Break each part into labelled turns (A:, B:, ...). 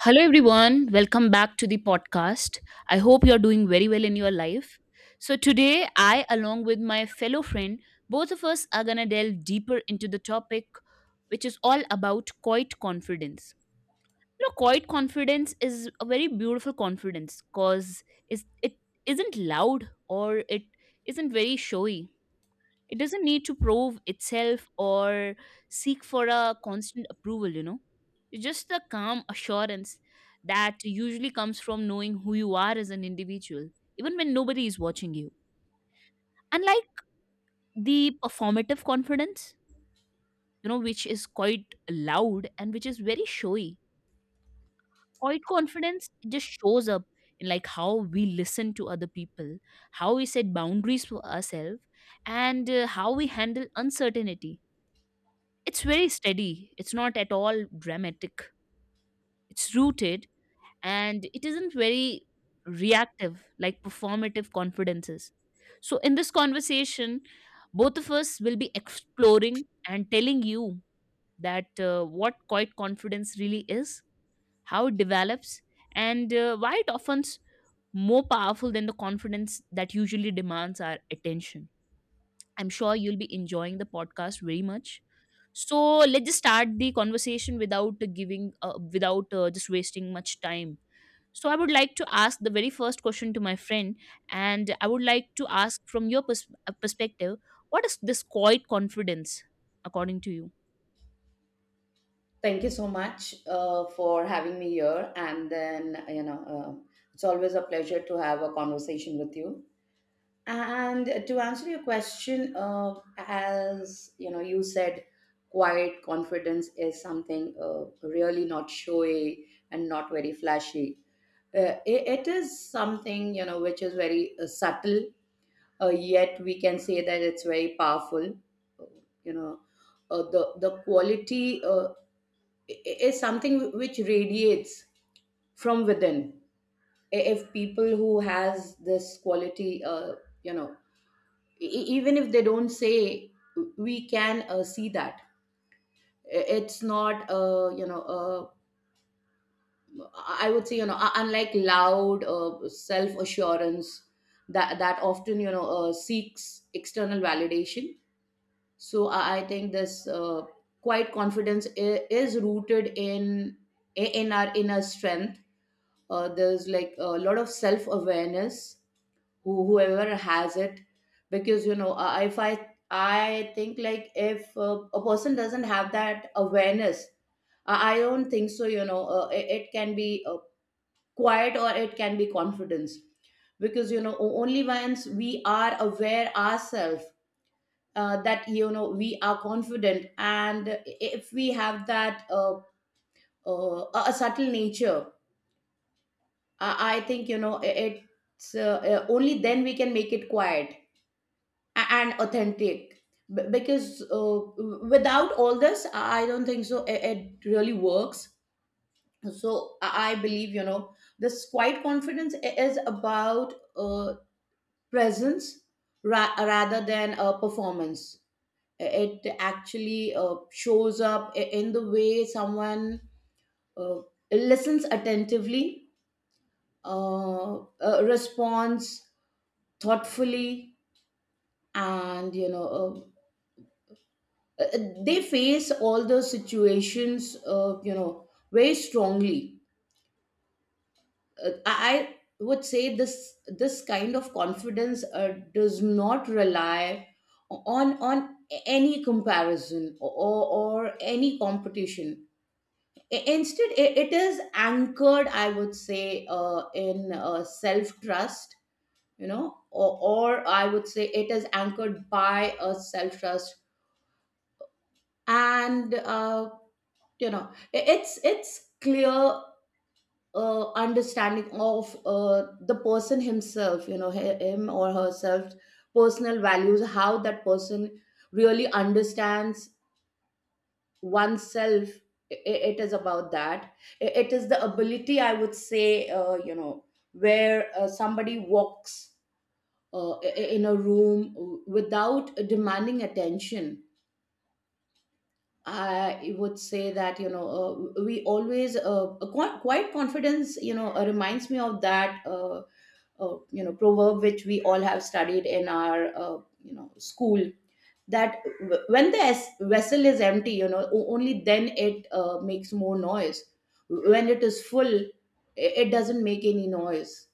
A: Hello, everyone. Welcome back to the podcast. I hope you're doing very well in your life. So today, I, along with my fellow friend, both of us are going to delve deeper into the topic, which is all about quiet confidence. You know, quiet confidence is a very beautiful confidence because it isn't loud or it isn't very showy, it doesn't need to prove itself or seek for a constant approval, you know. It's just the calm assurance that usually comes from knowing who you are as an individual, even when nobody is watching you. Unlike the performative confidence, you know, which is quite loud and which is very showy, quiet confidence just shows up in like how we listen to other people, how we set boundaries for ourselves, and how we handle uncertainty. It's very steady. It's not at all dramatic. It's rooted and it isn't very reactive like performative confidences. So, in this conversation, both of us will be exploring and telling you that what quiet confidence really is, how it develops, and why it often's more powerful than the confidence that usually demands our attention. I'm sure you'll be enjoying the podcast very much. So let's just start the conversation without without just wasting much time. So I would like to ask the very first question to my friend, and I would like to ask from your perspective, what is this quiet confidence, according to you?
B: Thank you so much, for having me here. And then, it's always a pleasure to have a conversation with you. And to answer your question, as you know, you said, quiet confidence is something, really not showy and not very flashy. It is something, which is very, subtle, yet we can say that it's very powerful. You know, the quality, i- is something which radiates from within. If people who has this quality, you know even if they don't say, we can, see that. It's not, I would say, unlike loud, self assurance, that often, seeks external validation. So I think this, quiet confidence is rooted in, our inner strength. There's, like, a lot of self awareness, whoever has it, because, if I I think, like, if, a person doesn't have that awareness, I don't think so. It can be, quiet, or it can be confidence, because, only once we are aware ourselves, that, we are confident. And if we have that, a subtle nature, I think, you know I- it's only then we can make it quiet, and authentic. Because without all this, I don't think so. It really works. So I believe, this quiet confidence is about, presence, rather than a performance. It actually, shows up, in the way someone, uh, listens attentively, responds thoughtfully, and, uh, uh, they face all those situations, very strongly. Uh, i I would say this, kind of confidence, does not rely on any comparison, or any competition. Instead, it is anchored, I would say, in, self trust. You know or, or I would say it is anchored by a self trust. And, you know it's clear, understanding of, the person himself, him or herself, personal values, how that person really understands oneself. It is about that. It is the ability, I would say, where, somebody walks, in a room, without demanding attention. I would say that, we always, quite, quite confidence, reminds me of that, proverb which we all have studied in our, school. That, when the, vessel is empty, only then it, makes more noise. When it is full, it doesn't make any noise.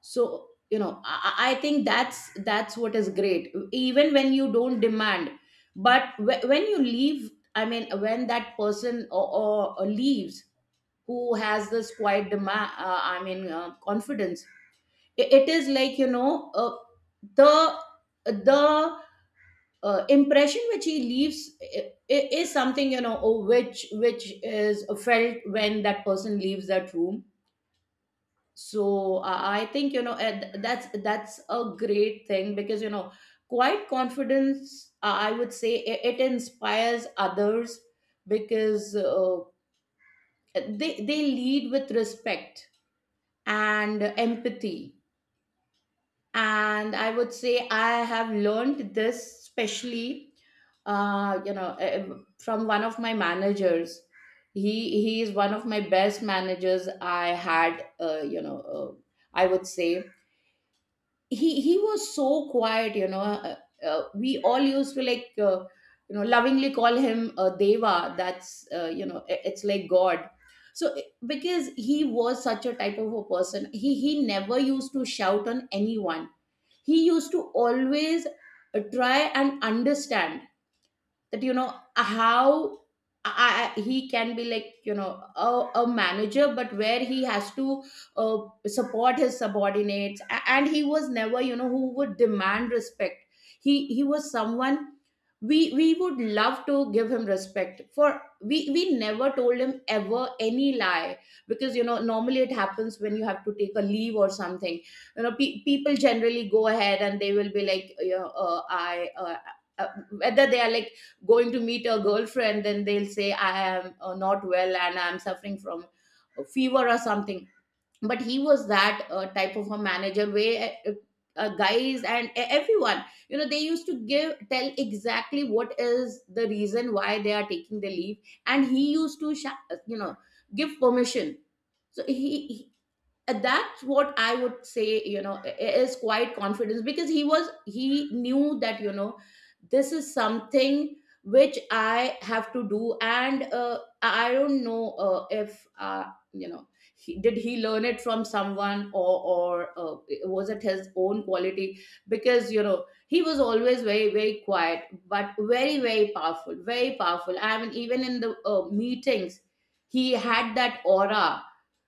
B: So I think that's what is great, even when you don't demand. But, when you leave, I mean when that person, or leaves, who has this quiet demand, I mean, confidence, it is like, the, the impression which he leaves is something, oh, which is felt when that person leaves that room. So, I think, and that's a great thing, because, quiet confidence, I would say, it inspires others, because, they lead with respect and empathy. And I would say I have learned this, especially, uh, you know eh, from one of my managers. He is one of my best managers I had, uh, I would say. He was so quiet, we all used to, like, lovingly call him, Deva — that's, it's like god. Because he was such a type of a person, he never used to shout on anyone. He used to always, try and understand that, how, he can be like, a manager, but where he has to, uh, support his subordinates. And he was never, who would demand respect. He was someone we would love to give him respect, for we never told him ever any lie. Because, normally it happens when you have to take a leave or something. People generally go ahead and they will be like, you know I uh, whether they are, like, going to meet a girlfriend, then they'll say, I am, not well, and I'm suffering from a fever or something. But he was that, type of a manager, where, guys and, everyone, they used to give tell exactly what is the reason why they are taking the leave. And he used to, give permission. So he That's what I would say, is quite confidence. Because, he knew that, this is something which I have to do. And, I don't know, if, uh, you know did he learn it from someone, or, was it his own quality. Because, he was always very, very quiet, but very, very powerful — very powerful, I mean, even in the, meetings, he had that aura.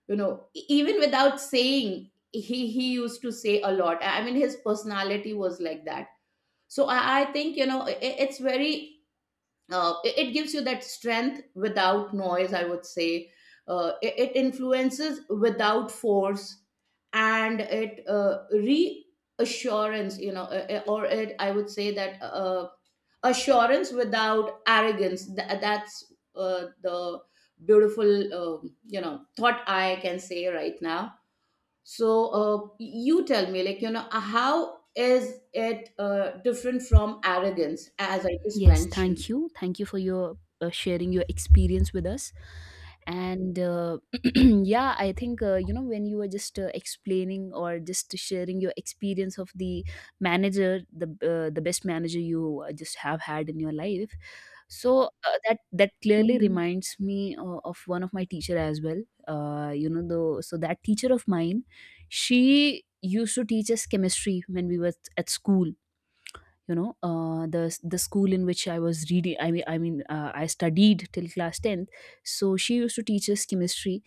B: Even without saying, he used to say a lot. I mean, his personality was like that. So I think, it gives you that strength without noise, I would say. It influences without force. And it, reassurance, or, it I would say, that, assurance without arrogance. That's the beautiful, thought I can say right now. So, you tell me, how is it, different from arrogance, as I just
A: Yes,
B: mentioned.
A: thank you. Thank you for your sharing your experience with us. And yeah, I think you know, when you were just explaining or just sharing your experience of the manager, the best manager you just have had in your life. So that clearly
B: Mhm.
A: reminds me of one of my teacher as well. You know, though, so that teacher of mine, she used to teach us chemistry when we were at school, you know, the school in which I was reading, I mean, I studied till class 10th. So she used to teach us chemistry,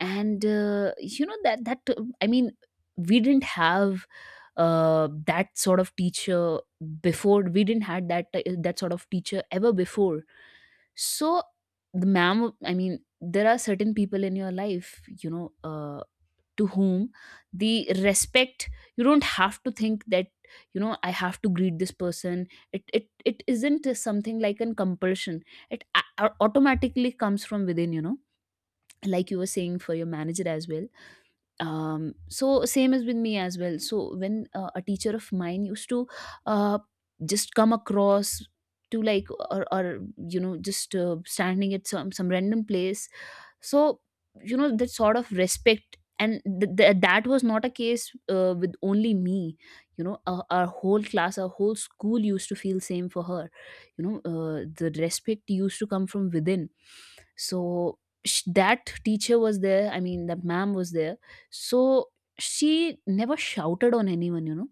A: and you know, that that I mean, we didn't have that sort of teacher before, we didn't had that sort of teacher ever before. So the ma'am, I mean, there are certain people in your life, you know, uh, to whom the respect, you don't have to think that, you know, I have to greet this person. It isn't something like an compulsion, it automatically comes from within, you know, like you were saying for your manager as well. Um, so same as with me as well. So when a teacher of mine used to uh just come across to, like, or you know, just standing at some random place. So you know, that sort of respect, and that was not a case with only me. You know, our whole class, our whole school used to feel same for her. You know, the respect used to come from within. So that teacher was there, I mean, that ma'am was there. So she never shouted on anyone, you know,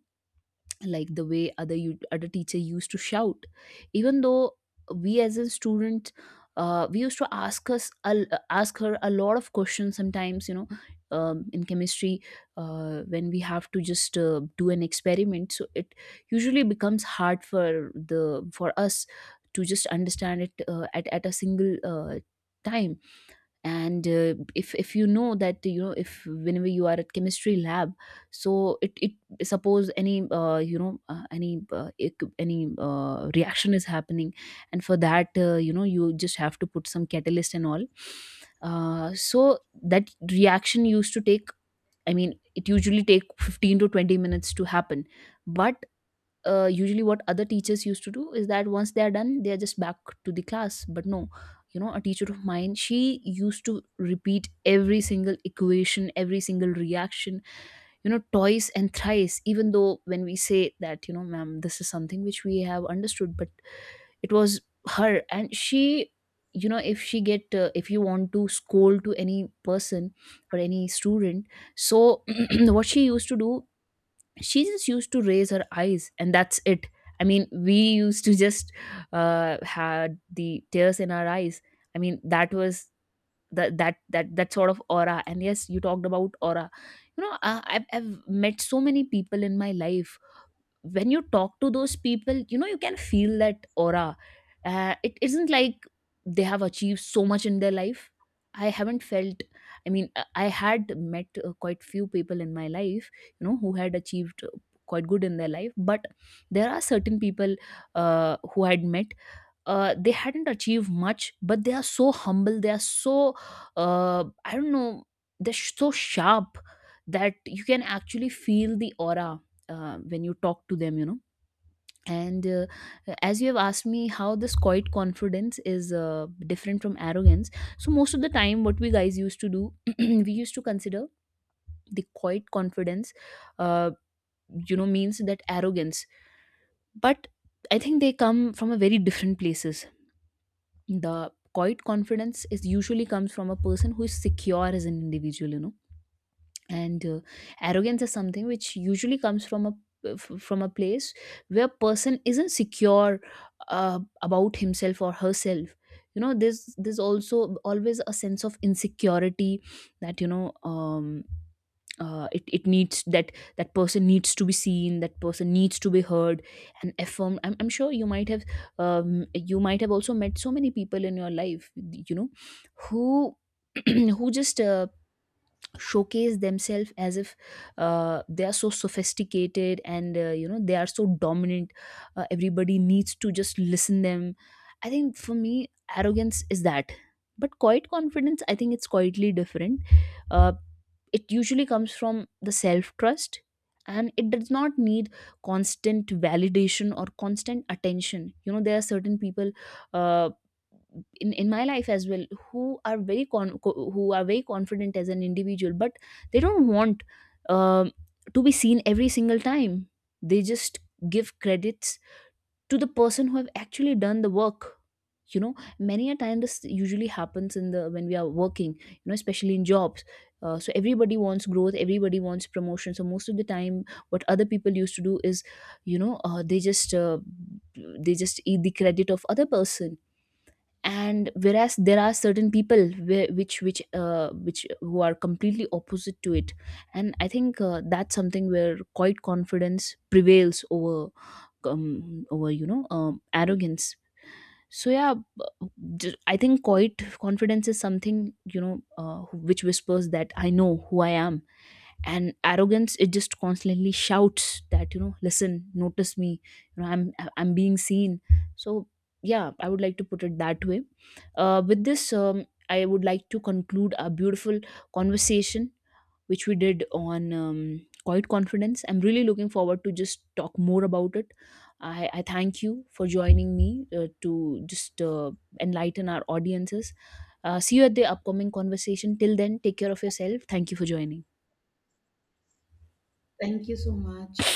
A: like the way other, you other teacher used to shout, even though we as a student, we used to ask us ask her a lot of questions sometimes, you know, in chemistry. Uh, when we have to just do an experiment, so it usually becomes hard for the, for us to just understand it at a single time. And if you know that, you know, if whenever you are at chemistry lab, so it suppose any you know, any reaction is happening, and for that, you know, you just have to put some catalyst and all. Uh, so that reaction used to take, I mean, it usually take 15 to 20 minutes to happen. But usually what other teachers used to do is that once they are done, they are just back to the class. But no, you know, a teacher of mine, she used to repeat every single equation, every single reaction, you know, twice and thrice, even though when we say that, you know, ma'am, this is something which we have understood, but it was her. And she, you know, if she get if you want to scold to any person or any student, so what she used to do, she just used to raise her eyes and that's it. I mean, we used to just had the tears in our eyes. I mean, that was that sort of aura. And yes, you talked about aura. You know, I've met so many people in my life. When you talk to those people, you know, you can feel that aura. Uh, it isn't like they have achieved so much in their life. I haven't felt, I mean, I had met quite few people in my life, you know, who had achieved quite good in their life. But there are certain people who I had met, they hadn't achieved much, but they are so humble, they are so, I don't know, they're so sharp that you can actually feel the aura when you talk to them, you know. And as you have asked me how this quiet confidence is different from arrogance, so most of the time what we guys used to do, we used to consider the quiet confidence uh, you know, means that arrogance. But I think they come from a very different places. The quiet confidence is usually comes from a person who is secure as an individual, you know. And arrogance is something which usually comes from a from a place where person isn't secure about himself or herself. You know, there's also always a sense of insecurity, that, you know, um, it needs that, that person needs to be seen, that person needs to be heard and affirmed. I'm sure you might have, you might have also met so many people in your life, you know, who who just showcase themselves as if they are so sophisticated, and you know, they are so dominant, everybody needs to just listen them. I think for me, arrogance is that. But quiet confidence, I think it's quietly different. Uh, it usually comes from the self trust, and it does not need constant validation or constant attention. You know, there are certain people uh, in my life as well who are very who are very confident as an individual, but they don't want, um, to be seen every single time. They just give credits to the person who have actually done the work, you know. Many a time this usually happens in the, when we are working, you know, especially in jobs. Uh, so everybody wants growth, everybody wants promotion. So most of the time what other people used to do is, you know, they just eat the credit of other person. And whereas there are certain people where, which who are completely opposite to it. And I think that's something where quite confidence prevails over, over, you know, arrogance. So yeah, I think quite confidence is something, you know, which whispers that I know who I am. And arrogance, it just constantly shouts that, you know, listen, notice me, you know, I'm being seen. So yeah, I would like to put it that way. Uh, with this, I would like to conclude our beautiful conversation which we did on, quiet confidence. I'm really looking forward to just talk more about it. I thank you for joining me to just enlighten our audiences. Uh, see you at the upcoming conversation, till then take care of yourself. Thank you for joining.
B: Thank you so much.